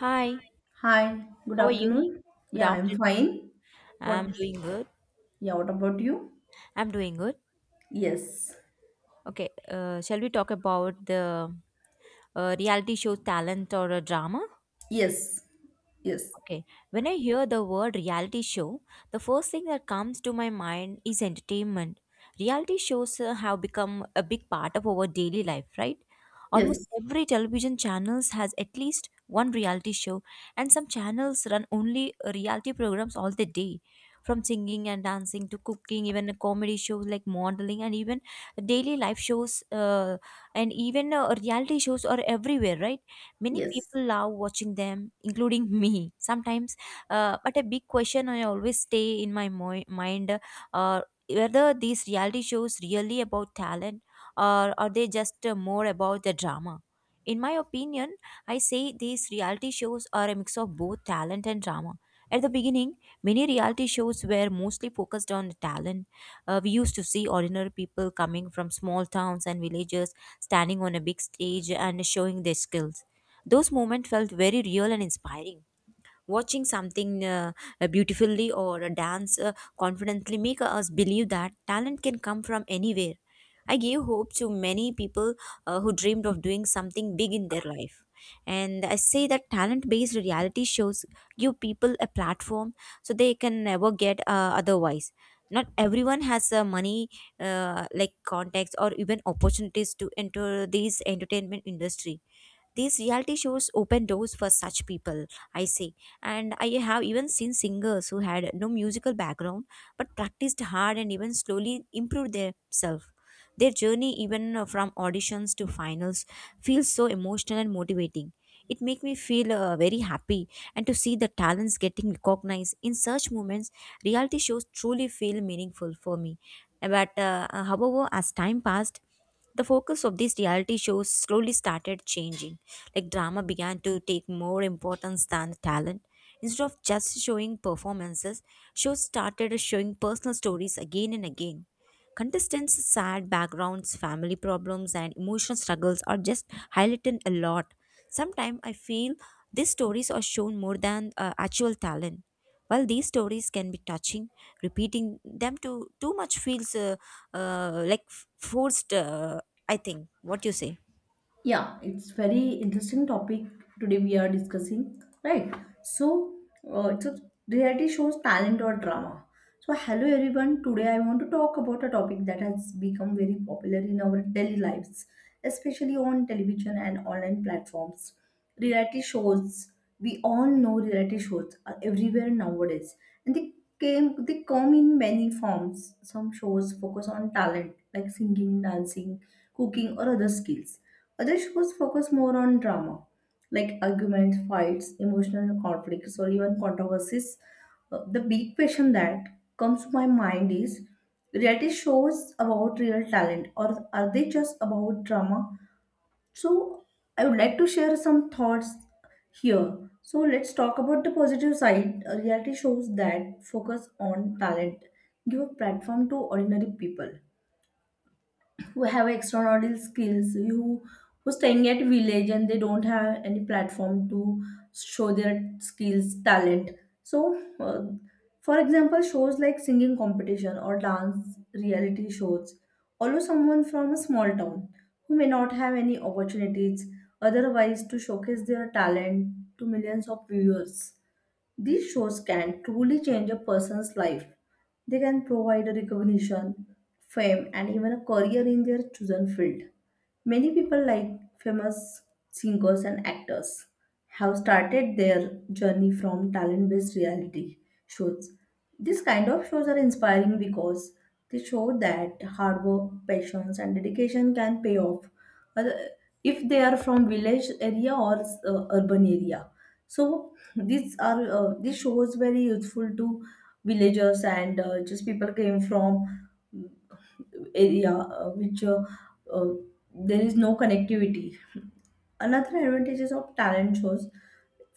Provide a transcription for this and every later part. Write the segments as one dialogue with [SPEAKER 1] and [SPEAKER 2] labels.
[SPEAKER 1] Hi,
[SPEAKER 2] Hi, good
[SPEAKER 1] how are you?
[SPEAKER 2] afternoon.
[SPEAKER 1] Good
[SPEAKER 2] Yeah, I'm
[SPEAKER 1] afternoon.
[SPEAKER 2] fine. What,
[SPEAKER 1] I'm doing good.
[SPEAKER 2] yeah, what about you?
[SPEAKER 1] I'm doing good.
[SPEAKER 2] Yes,
[SPEAKER 1] Okay, shall we talk about the reality show talent or a drama?
[SPEAKER 2] yes, yes,
[SPEAKER 1] Okay, when I hear the word reality show, the first thing that comes to my mind is entertainment. Reality shows have become a big part of our daily life, right? Almost
[SPEAKER 2] yes,
[SPEAKER 1] every television channels has at least one reality show, and some channels run only reality programs all the day, from singing and dancing to cooking, even comedy shows like modeling, and even daily life shows, and even reality shows are everywhere, right? Many
[SPEAKER 2] yes.
[SPEAKER 1] people love watching them, including me sometimes. But a big question I always stay in my mind, uh, whether these reality shows really about talent, or are they just more about the drama. In my opinion, I say these reality shows are a mix of both talent and drama. At the beginning, many reality shows were mostly focused on the talent. We used to see ordinary people coming from small towns and villages standing on a big stage and showing their skills. Those moments felt very real and inspiring. Watching something beautifully or a dance confidently make us believe that talent can come from anywhere. I gave hope to many people who dreamed of doing something big in their life. And I say that talent based reality shows give people a platform so they can never get otherwise. Not everyone has money, like contacts, or even opportunities to enter this entertainment industry. These reality shows open doors for such people, I say. And I have even seen singers who had no musical background but practiced hard and even slowly improved themselves. Their journey, even from auditions to finals, feels so emotional and motivating. It makes me feel very happy, and to see the talents getting recognized in such moments, reality shows truly feel meaningful for me. But however, as time passed, the focus of these reality shows slowly started changing. Like drama began to take more importance than talent. Instead of just showing performances, shows started showing personal stories again and again. Contestants' sad backgrounds, family problems, and emotional struggles are just highlighted a lot. Sometimes I feel these stories are shown more than actual talent. While these stories can be touching, repeating them to too much feels like forced, I think. What you say?
[SPEAKER 2] Yeah, it's very interesting topic today we are discussing, right? So, it's a reality shows talent or drama. So, hello everyone. Today I want to talk about a topic that has become very popular in our daily lives, especially on television and online platforms. Reality shows, we all know reality shows are everywhere nowadays and they come in many forms. Some shows focus on talent like singing, dancing, cooking or other skills. Other shows focus more on drama, like arguments, fights, emotional conflicts or even controversies. The big question that comes to my mind is, reality shows about real talent or are they just about drama? So, I would like to share some thoughts here. So, let's talk about the positive side. Reality shows that focus on talent give a platform to ordinary people who have extraordinary skills, who staying at village and they don't have any platform to show their skills, talent. so uh, for example, shows like singing competition or dance reality shows, always someone from a small town who may not have any opportunities otherwise to showcase their talent to millions of viewers. These shows can truly change a person's life. They can provide a recognition, fame, and even a career in their chosen field. Many people, like famous singers and actors, have started their journey from talent based reality shows. These kind of shows are inspiring because they show that hard work, patience, and dedication can pay off, other- if they are from village area or urban area. So these are, this show was very useful to villagers and just people came from, mm, area, which uh, there is no connectivity. Another advantages of talent shows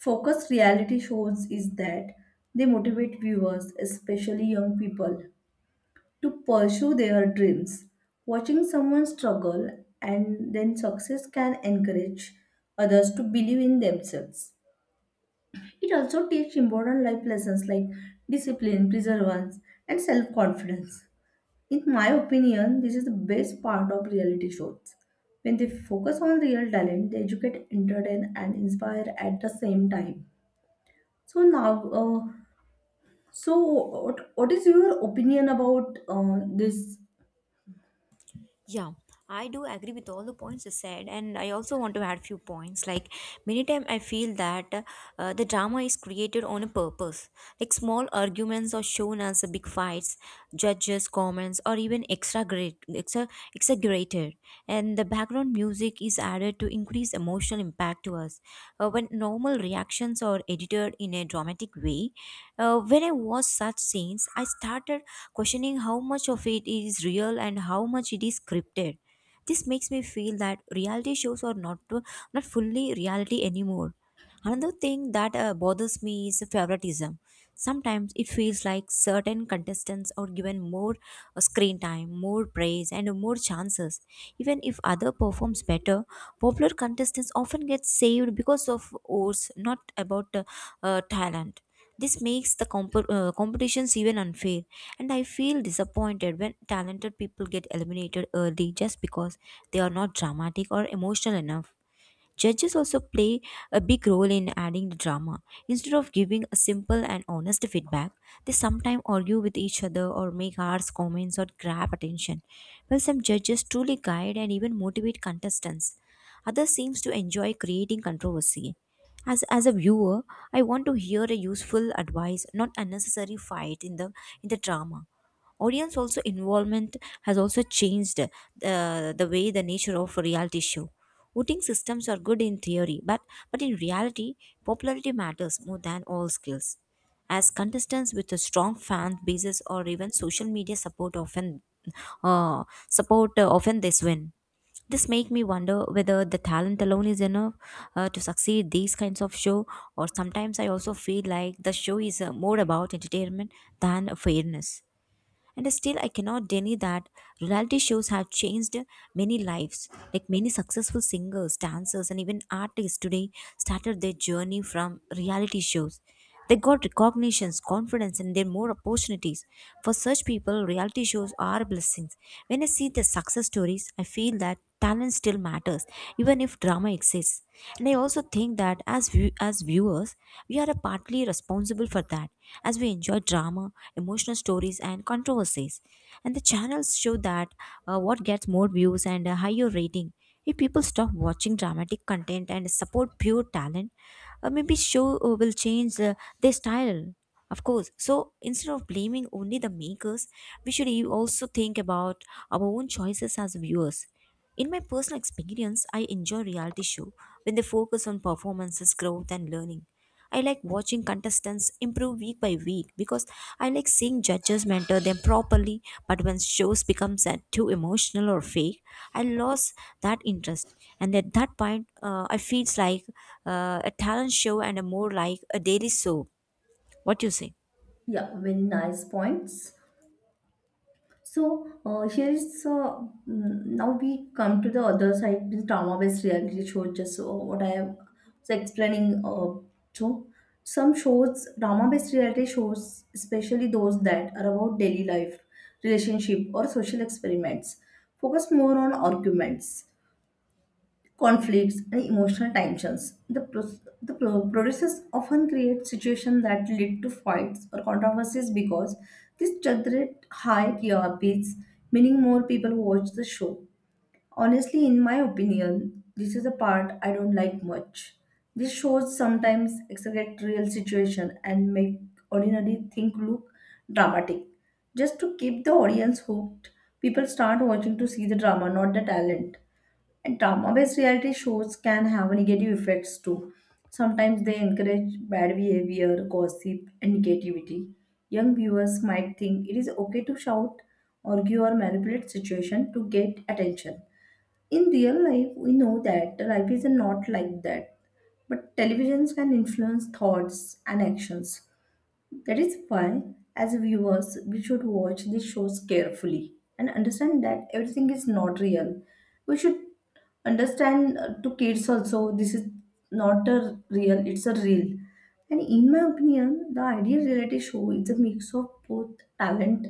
[SPEAKER 2] focused reality shows is that they motivate viewers, especially young people, to pursue their dreams. Watching someone struggle and then success can encourage others to believe in themselves. It also teaches important life lessons like discipline, perseverance, and self confidence. In my opinion, this is the best part of reality shows. When they focus on real talent, they educate, entertain, and inspire at the same time. So now, what is your opinion about this?
[SPEAKER 1] Yeah, I do agree with all the points you said, and I also want to add few points. Like many time, I feel that the drama is created on a purpose. Like small arguments are shown as a big fights, judges' comments, or even exaggerated. And the background music is added to increase emotional impact to us. When normal reactions are edited in a dramatic way, when I watch such scenes, I started questioning how much of it is real and how much it is scripted. This makes me feel that reality shows are not fully reality anymore. Another thing that bothers me is favoritism. Sometimes it feels like certain contestants are given more screen time, more praise, and more chances. Even if other performs better, popular contestants often get saved because of votes, not about talent. This makes the competitions even unfair, and I feel disappointed when talented people get eliminated early just because they are not dramatic or emotional enough. Judges also play a big role in adding the drama. Instead of giving a simple and honest feedback, they sometimes argue with each other or make harsh comments or grab attention. While some judges truly guide and even motivate contestants, others seems to enjoy creating controversy. As a viewer, I want to hear a useful advice, not unnecessary fight in the drama. Audience also involvement has also changed the way the nature of a reality show. Voting systems are good in theory, but in reality, popularity matters more than all skills. As contestants with a strong fan bases or even social media support often, uh, support, often this win. This make me wonder whether the talent alone is enough to succeed these kinds of show, or sometimes I also feel like the show is more about entertainment than fairness. And still, I cannot deny that reality shows have changed many lives. Like many successful singers, dancers, and even artists today started their journey from reality shows. They got recognitions, confidence, and then more opportunities. For such people, reality shows are blessings. When I see the success stories, I feel that talent still matters even if drama exists. And I also think that as as viewers, we are partly responsible for that, as we enjoy drama, emotional stories and controversies, and the channels show that, what gets more views and a higher rating. If people stop watching dramatic content and support pure talent, maybe show will change their style, of course. So instead of blaming only the makers, we should also think about our own choices as viewers. In my personal experience, I enjoy reality show when they focus on performances, growth and learning. I like watching contestants improve week by week, because I like seeing judges mentor them properly, but when shows become sad, too emotional or fake, I lost that interest. And at that point, I feels like a talent show and a more like a daily soap. What do you say?
[SPEAKER 2] Yeah, very nice points. So now we come to the other side, the drama-based reality shows, just what I am so explaining. So some shows, drama-based reality shows, especially those that are about daily life, relationship, or social experiments, focus more on arguments, conflicts, and emotional tensions. The producers often create situations that lead to fights or controversies because this generate high TRPs, meaning more people watch the show. Honestly, in my opinion, this is a part I don't like much. These shows sometimes exaggerate real situation and make ordinary thing look dramatic. Just to keep the audience hooked, people start watching to see the drama, not the talent. And drama-based reality shows can have negative effects too. Sometimes they encourage bad behavior, gossip, and negativity. Young viewers might think it is okay to shout, argue, or manipulate situation to get attention. In real life we know that life is not like that, but televisions can influence thoughts and actions. That is why, as viewers, we should watch these shows carefully and understand that everything is not real. We should understand to kids also, this is not a real, it's a real. And in my opinion, the ideal reality show is a mix of both talent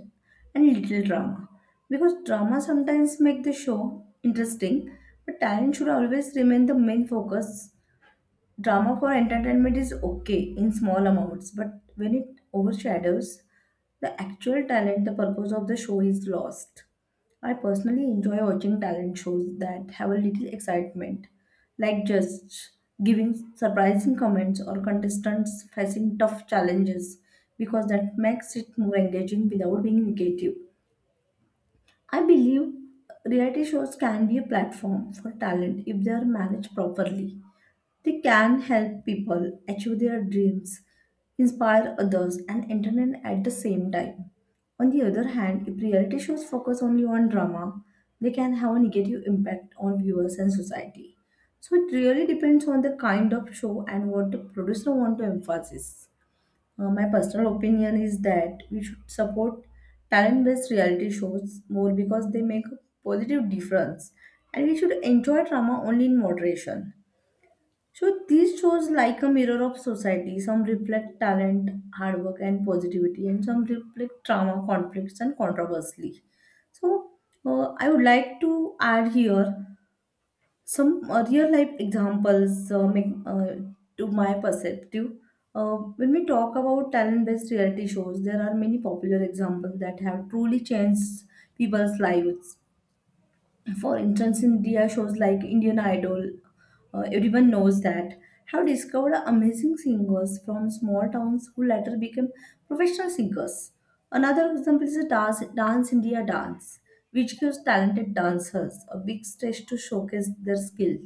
[SPEAKER 2] and little drama. Because drama sometimes make the show interesting, but talent should always remain the main focus. Drama for entertainment is okay in small amounts, but when it overshadows the actual talent, the purpose of the show is lost. I personally enjoy watching talent shows that have a little excitement, like just giving surprising comments or contestants facing tough challenges, because that makes it more engaging without being negative. I believe reality shows can be a platform for talent if they are managed properly. They can help people achieve their dreams, inspire others, and entertain at the same time. On the other hand, if reality shows focus only on drama, they can have a negative impact on viewers and society. So it really depends on the kind of show and what the producer want to emphasize. My personal opinion is that we should support talent based reality shows more because they make a positive difference, and we should enjoy drama only in moderation. So these shows like a mirror of society, some reflect talent, hard work and positivity, and some reflect trauma, conflicts and controversy. So I would like to add here some real life examples to my perspective. When we talk about talent based reality shows, there are many popular examples that have truly changed people's lives. For instance, India shows like Indian Idol, everyone knows that, have discovered amazing singers from small towns who later became professional singers. Another example is the Dance India Dance, which gives talented dancers a big stage to showcase their skill.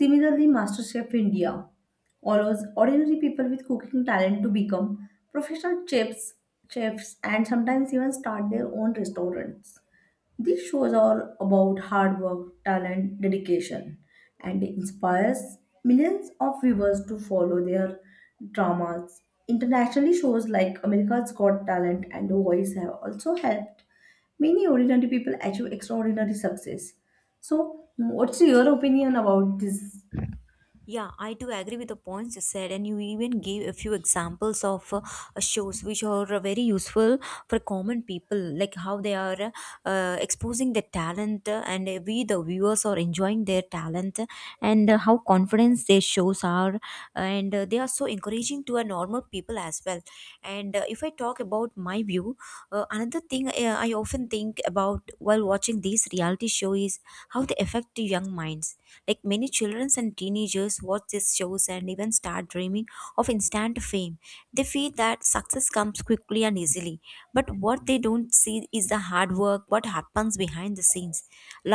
[SPEAKER 2] Similarly, MasterChef India allows ordinary people with cooking talent to become professional chefs and sometimes even start their own restaurants. These shows are about hard work, talent, dedication, and inspires millions of viewers to follow their dramas. Internationally, shows like America's Got Talent and The Voice have also helped many ordinary people achieve extraordinary success. So, what's your opinion about this?
[SPEAKER 1] Yeah, I do agree with the points you said, and you even gave a few examples of shows which are very useful for common people, like how they are exposing their talent, and we, the viewers, are enjoying their talent, and how confidence their shows are, and they are so encouraging to a normal people as well. And if I talk about my view, another thing I often think about while watching these reality show is how they affect the young minds. Like many children and teenagers watch these shows and even start dreaming of instant fame. They feel that success comes quickly and easily, but what they don't see is the hard work what happens behind the scenes.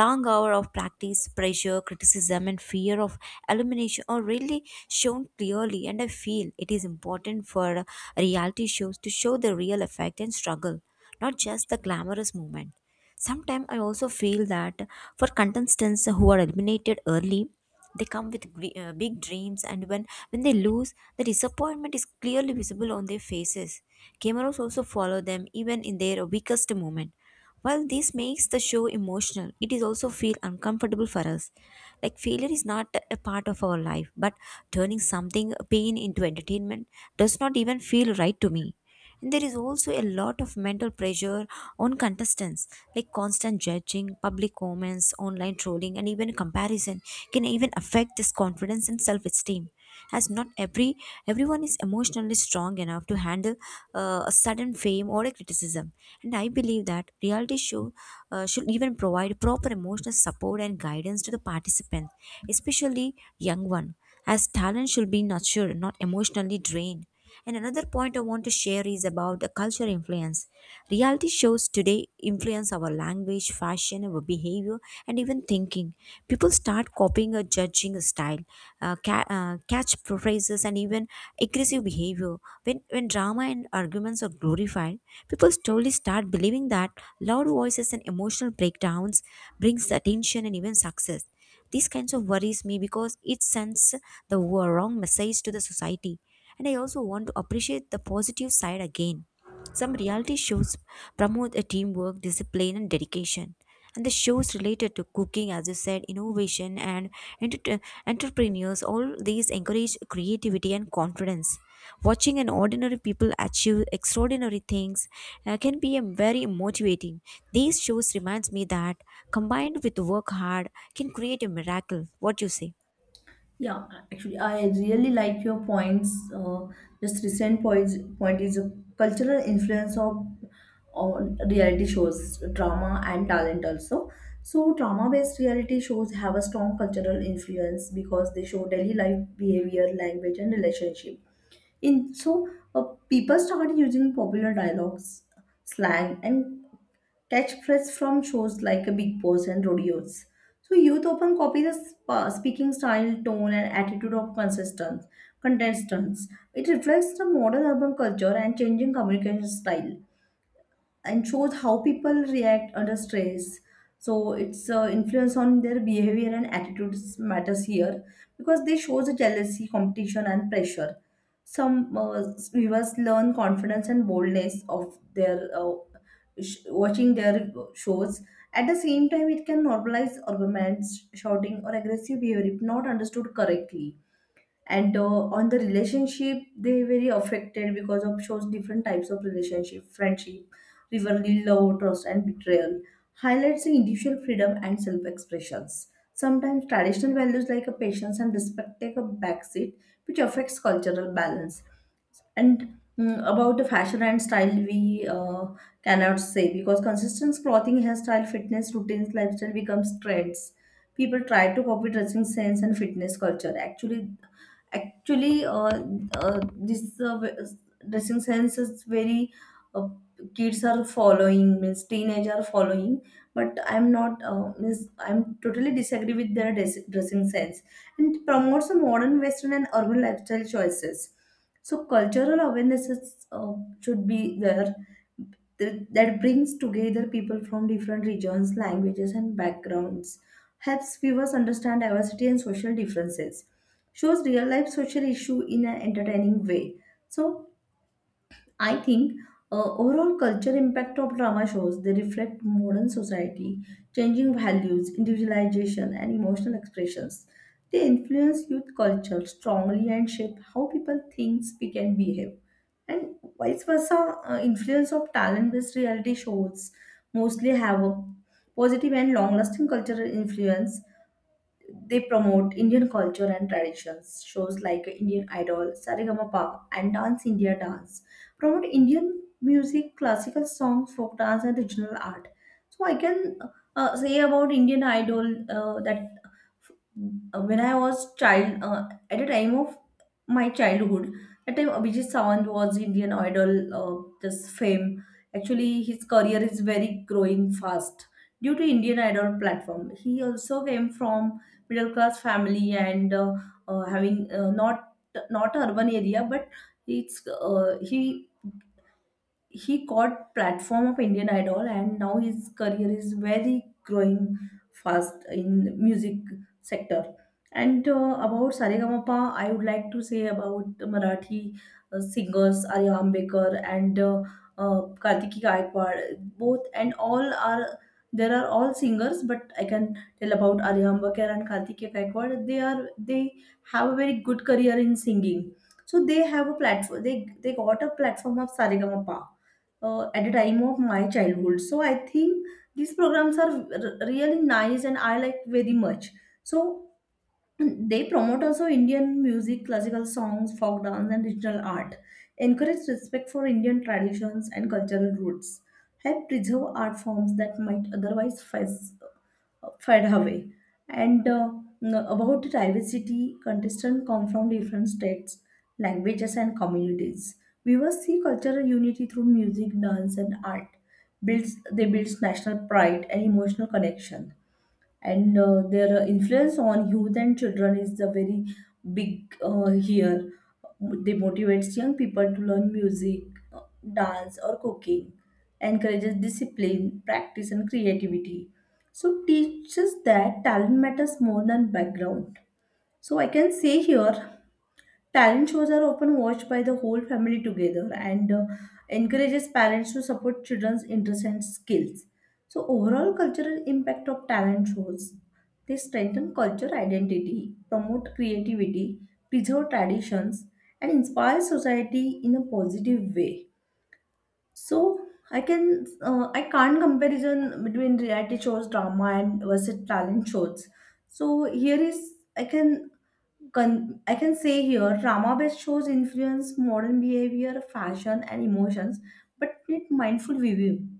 [SPEAKER 1] Long hour of practice, pressure, criticism and fear of elimination are really shown clearly, and I feel it is important for reality shows to show the real effect and struggle, not just the glamorous moment. Sometimes I also feel that for contestants who are eliminated early, they come with big dreams, and when they lose, the disappointment is clearly visible on their faces. Cameras also follow them even in their weakest moment. While this makes the show emotional, it is also feel uncomfortable for us. Like failure is not a part of our life, but turning something pain into entertainment does not even feel right to me. And there is also a lot of mental pressure on contestants, like constant judging, public comments, online trolling, and even comparison can even affect this confidence and self-esteem. As not every everyone is emotionally strong enough to handle a sudden fame or a criticism, and I believe that reality show should even provide proper emotional support and guidance to the participants, especially young one, as talent should be nurtured, not emotionally drained. And another point I want to share is about the culture influence. Reality shows today influence our language, fashion, our behavior, and even thinking. People start copying or judging a style, catch phrases, and even aggressive behavior. When drama and arguments are glorified, people slowly start believing that loud voices and emotional breakdowns brings attention and even success. These kinds of worries me because it sends the wrong message to the society. And I also want to appreciate the positive side again. Some reality shows promote a teamwork, discipline, and dedication. And the shows related to cooking, as you said, innovation and enter- entrepreneurs, all these encourage creativity and confidence. Watching an ordinary people achieve extraordinary things can be very motivating. These shows reminds me that combined with work hard, can create a miracle. What do you say?
[SPEAKER 2] Yeah, actually, I really like your points. Just recent point is a cultural influence of on reality shows, drama and talent also. So, drama-based reality shows have a strong cultural influence because they show daily life behavior, language, and relationship. In so, uh, People started using popular dialogues, slang, and catchphrases from shows like Big Boss and rodeos. So youth often copy the speaking style, tone, and attitude of consistent contestants. It reflects the modern urban culture and changing communication style, and shows how people react under stress. So its influence on their behavior and attitudes matters here because they show the jealousy, competition, and pressure. Some viewers learn confidence and boldness of their watching their shows. At the same time, it can normalize arguments, shouting, or aggressive behavior if not understood correctly. And On the relationship they very affected because of shows different types of relationship, friendship, rivalry, love, trust and betrayal. Highlights the individual freedom and self-expressions. Sometimes traditional values like a patience and respect take a backseat, which affects cultural balance. About the fashion and style, we cannot say because consistent clothing, hairstyle, fitness routines, lifestyle becomes trends. People try to copy dressing sense and fitness culture. Actually, uh, this uh, w- dressing sense is very uh, kids are following, means teenage are following. But I'm not, means I'm totally disagree with their dressing sense, and promotes a modern Western and urban lifestyle choices. So cultural awareness is, should be there, that brings together people from different regions, languages, and backgrounds, helps viewers understand diversity and social differences, shows real life social issue in an entertaining way. So I think, overall culture impact of drama shows, they reflect modern society, changing values, individualization, and emotional expressions. They influence youth culture strongly and shape how people think, speak, and behave. And vice versa, influence of talent-based reality shows mostly have a positive and long-lasting cultural influence. They promote Indian culture and traditions. Shows like Indian Idol, Saregama and Dance India Dance promote Indian music, classical songs, folk dance, and regional art. So I can say about Indian Idol, that when I was child, at the time of my childhood, at time Abhijit Sawant was Indian Idol, this fame. Actually, his career is very growing fast due to Indian Idol platform. He also came from middle class family, and having not not a urban area, but it's he got platform of Indian Idol and now his career is very growing fast in music sector. And about Saregama, I would like to say about the Marathi singers Arya Ambekar and Kartiki Gaikwad. Both and all are, there are all singers, but I can tell about Arya Ambekar and Kartiki Gaikwad. They have a very good career in singing. So they have a platform. They got a platform of Saregama at the time of my childhood. So I think these programs are really nice and I like very much. So they promote also Indian music, classical songs, folk dance, and regional art, encourage respect for Indian traditions and cultural roots, help preserve art forms that might otherwise fades fed away. And about the diversity, contestants come from different states, languages, and communities. Viewers see cultural unity through music, dance, and art. Builds they builds national pride and emotional connection, and their influence on youth and children is the very big here. They motivates young people to learn music, uh, dance, or cooking, encourages discipline practice and creativity, so teaches that talent matters more than background. So I can say here, talent shows are often watched by the whole family together, and encourages parents to support children's interests and skills. So overall cultural impact of talent shows, they strengthen culture identity, promote creativity, preserve traditions, and inspire society in a positive way. So I can I can't comparison between reality shows drama and versus talent shows. So here is I can I can say here, drama based shows influence modern behavior, fashion, and emotions, but need mindful viewing.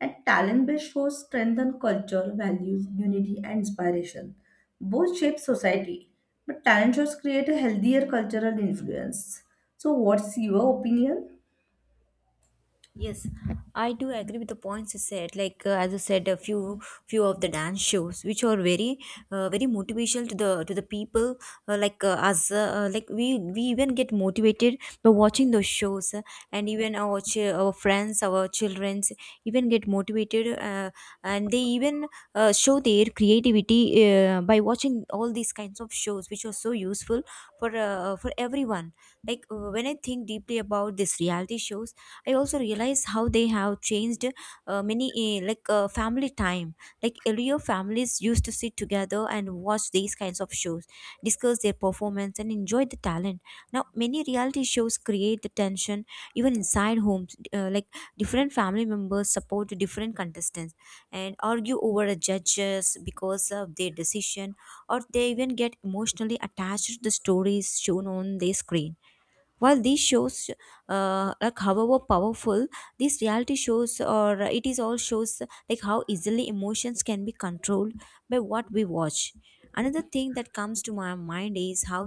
[SPEAKER 2] And talent based shows strengthen culture, values, unity, and inspiration. Both shape society, but talent shows create a healthier cultural influence. So, what's your opinion?
[SPEAKER 1] Yes, I do agree with the points you said. Like as I said, a few few of the dance shows which are very motivational to the people. Like us, like we even get motivated by watching those shows, and even our our friends, our childrens even get motivated, and they even show their creativity by watching all these kinds of shows, which are so useful for everyone. Like when I think deeply about this reality shows, I also realize how they have changed many, family time. Like earlier families used to sit together and watch these kinds of shows, discuss their performance and enjoy the talent. Now many reality shows create the tension even inside homes, like different family members support different contestants and argue over the judges because of their decision, or they even get emotionally attached to the stories shown on the screen. While these shows, like however powerful these reality shows or it is all shows, like how easily emotions can be controlled by what we watch. Another thing that comes to my mind is how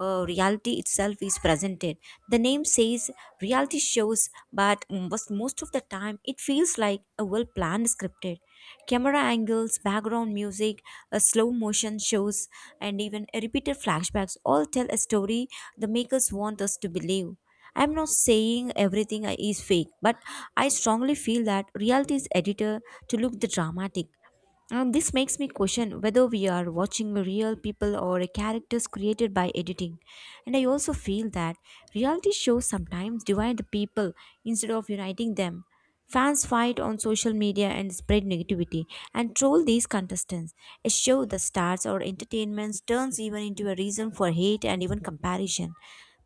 [SPEAKER 1] reality itself is presented. The name says reality shows, but most of the time it feels like a well planned scripted. Camera angles, background music, slow motion shows, and even repeated flashbacks all tell a story the makers want us to believe. I'm not saying everything is fake, but I strongly feel that reality's editor to look the dramatic. And this makes me question whether we are watching real people or characters created by editing. And I also feel that reality shows sometimes divide the people instead of uniting them. Fans fight on social media and spread negativity and troll these contestants. A show that stars or entertainment turns even into a reason for hate and even comparison.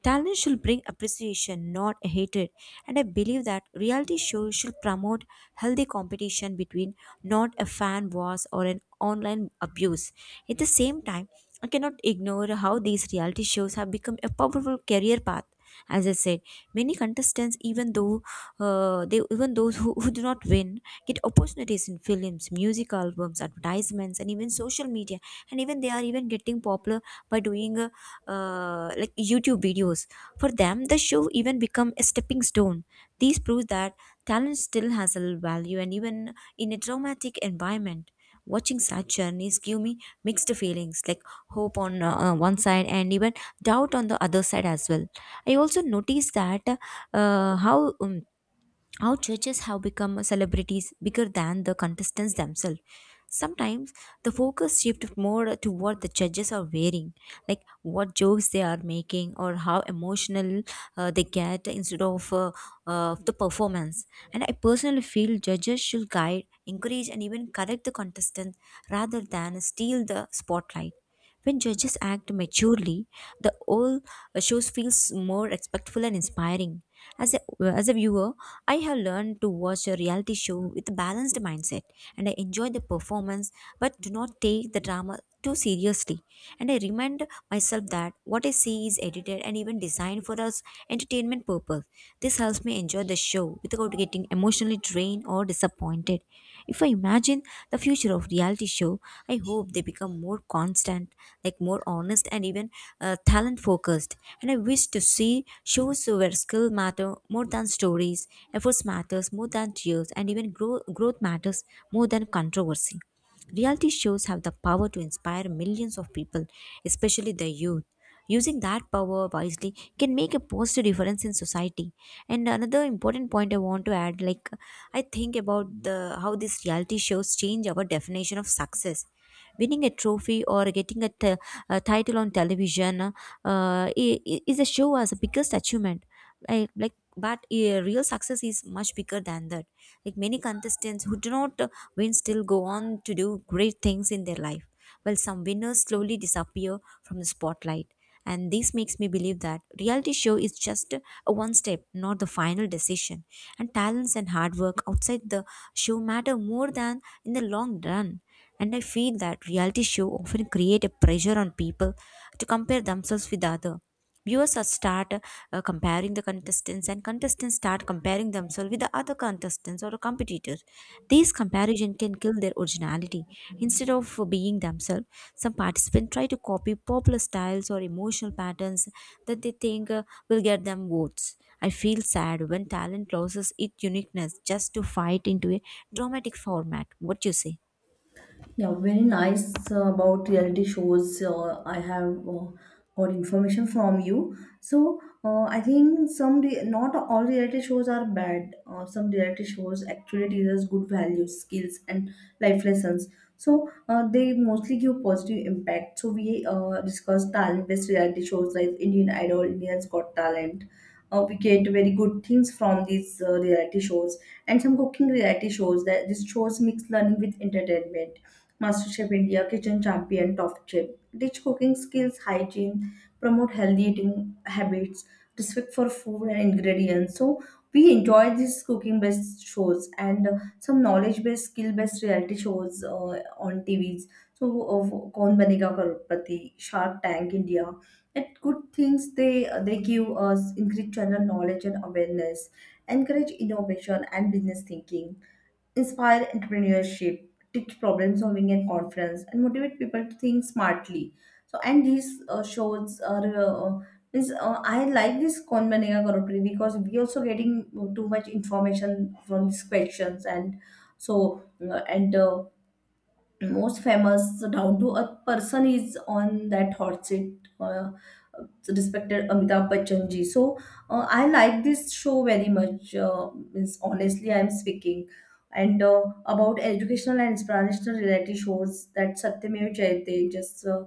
[SPEAKER 1] Talent should bring appreciation, not hatred, and I believe that reality shows should promote healthy competition between, not a fan wars or an online abuse. At the same time, I cannot ignore how these reality shows have become a powerful career path. As I said, many contestants, even though they even those who do not win, get opportunities in films, music albums, advertisements, and even social media. And even they are even getting popular by doing a like YouTube videos. For them the show even become a stepping stone. These proves that talent still has a value and even in a traumatic environment, watching such journeys give me mixed feelings, like hope on one side and even doubt on the other side as well. I also noticed that how our churches have become celebrities bigger than the contestants themselves. Sometimes the focus shifts more to what the judges are wearing, like what jokes they are making or how emotional they get instead of the performance. And I personally feel judges should guide, encourage, and even correct the contestant rather than steal the spotlight. When judges act maturely, the whole shows feels more respectful and inspiring. As a viewer, I have learned to watch a reality show with a balanced mindset, and I enjoy the performance but do not take the drama too seriously, and I remind myself that what I see is edited and even designed for us entertainment purpose. This helps me enjoy the show without getting emotionally drained or disappointed. If I imagine the future of reality show, I hope they become more constant, like more honest and even talent focused. And I wish to see shows where skill matter more than stories, efforts matters more than tears, and even growth matters more than controversy. Reality shows have the power to inspire millions of people, especially the youth. Using that power wisely can make a positive difference in society. And another important point I want to add, like I think about the how these reality shows change our definition of success. Winning a trophy or getting a, a title on television is a show as the biggest achievement. But real success is much bigger than that. Like many contestants who do not win still go on to do great things in their life, while some winners slowly disappear from the spotlight. And this makes me believe that reality show is just a one step, not the final decision. And talents and hard work outside the show matter more than in the long run. And I feel that reality show often create a pressure on people to compare themselves with other. Viewers are start comparing the contestants, and contestants start comparing themselves with the other contestants or competitors. These comparison can kill their originality. Instead of being themselves, some participants try to copy popular styles or emotional patterns that they think will get them votes. I feel sad when talent loses its uniqueness just to fight into a dramatic format. What you say?
[SPEAKER 2] Yeah, very nice about reality shows. I have got information from you. So I think some not all reality shows are bad. Some reality shows actually teaches good values, skills, and life lessons. So they mostly give positive impact. So we discuss talent-based reality shows like Indian Idol, Indians Got Talent. We get very good things from these reality shows, and some cooking reality shows, that these shows mix learning with entertainment. MasterChef India, Kitchen Champion, Top Chef. Teach cooking skills, hygiene, promote healthy eating habits, respect for food and ingredients. So we enjoy these cooking based shows, and some knowledge based, skill based reality shows on TVs. So Kaun Banega Karupati, Shark Tank India. It good things, they give us increase general knowledge and awareness, encourage innovation and business thinking, inspire entrepreneurship, teach problem solving and confidence, and motivate people to think smartly. So, and these shows are. Means, I like this Kaun Banega Crorepati because we also getting too much information from these questions. And so and most famous down to earth person is on that hot seat, respected Amitabh Bachchan ji. So I like this show very much. Means honestly I am speaking. And about educational and inspirational reality shows, that Satyamev Jayate, just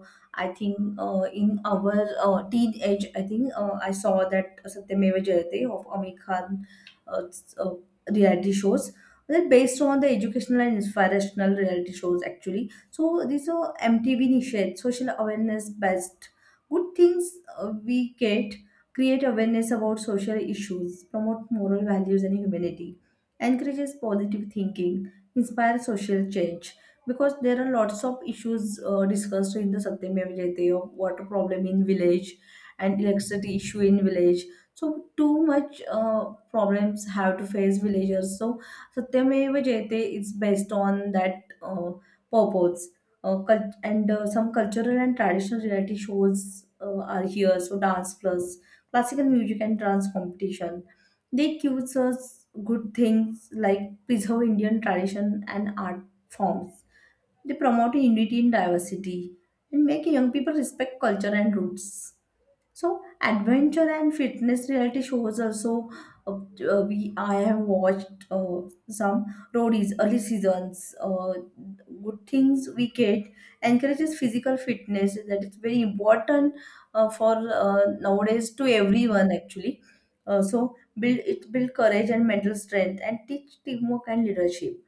[SPEAKER 2] I think in our teenage, I think I saw that Satyamev Jayate of Amit Khan, uh, s- uh, reality shows. They're based on the educational and inspirational reality shows actually. So these are MTV initiate social awareness based. Good things we get, create awareness about social issues, promote moral values and humanity, encourages positive thinking, inspire social change. Because there are lots of issues discussed in the Satyameva Jayate, of water problem in village and electricity issue in village. So too much problems have to face villagers. So Satyameva Jayate is based on that purpose. Cult- and Some cultural and traditional reality shows are here. So dance plus classical music and dance competition. They teach us good things like preserve Indian tradition and art forms. They promote unity in diversity and make young people respect culture and roots. So adventure and fitness reality shows also, uh, we I have watched some roadies early seasons. Good things we get, encourages physical fitness, that is very important for nowadays to everyone actually. So build courage and mental strength, and teach teamwork and leadership.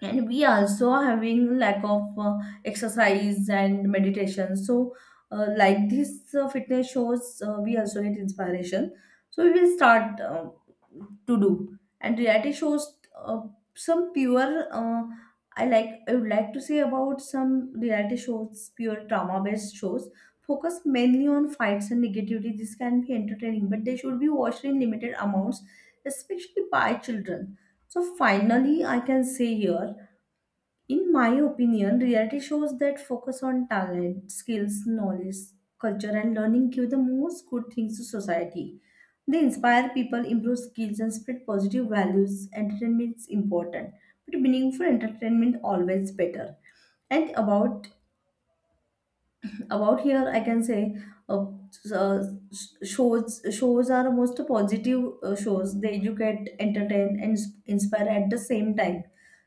[SPEAKER 2] And we also are having lack of exercise and meditation, so like these fitness shows, we also get inspiration. So we will start to do. And reality shows, some pure I like, I would like to say about some reality shows, pure trauma based shows, focus mainly on fights and negativity. This can be entertaining, but they should be watched in limited amounts, especially by children. So finally I can say here, in my opinion, reality shows that focus on talent, skills, knowledge, culture, and learning give the most good things to society. They inspire people, improve skills, and spread positive values. Entertainment is important, but meaningful entertainment always better. And about here, I can say, uh, s- uh, shows are most positive shows. They educate, entertain, and inspire at the same time.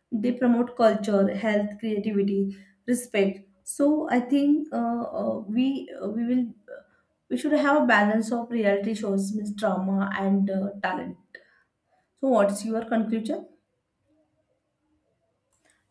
[SPEAKER 2] They promote culture, health, creativity, respect. So I think we will, we should have a balance of reality shows, means drama and talent. So what's your conclusion?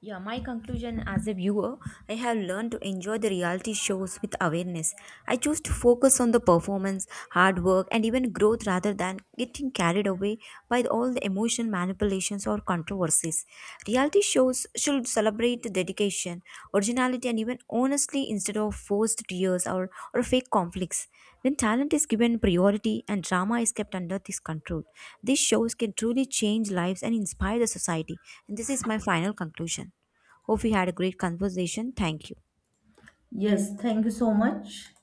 [SPEAKER 1] Yeah, my conclusion as a viewer, I have learned to enjoy the reality shows with awareness. I choose to focus on the performance, hard work, and even growth rather than getting carried away by all the emotion manipulations or controversies. Reality shows should celebrate the dedication, originality, and even honestly instead of forced tears or fake conflicts. When talent is given priority and drama is kept under this control, these shows can truly change lives and inspire the society. And this is my final conclusion. Hope we had a great conversation. Thank you.
[SPEAKER 2] Yes, thank you so much.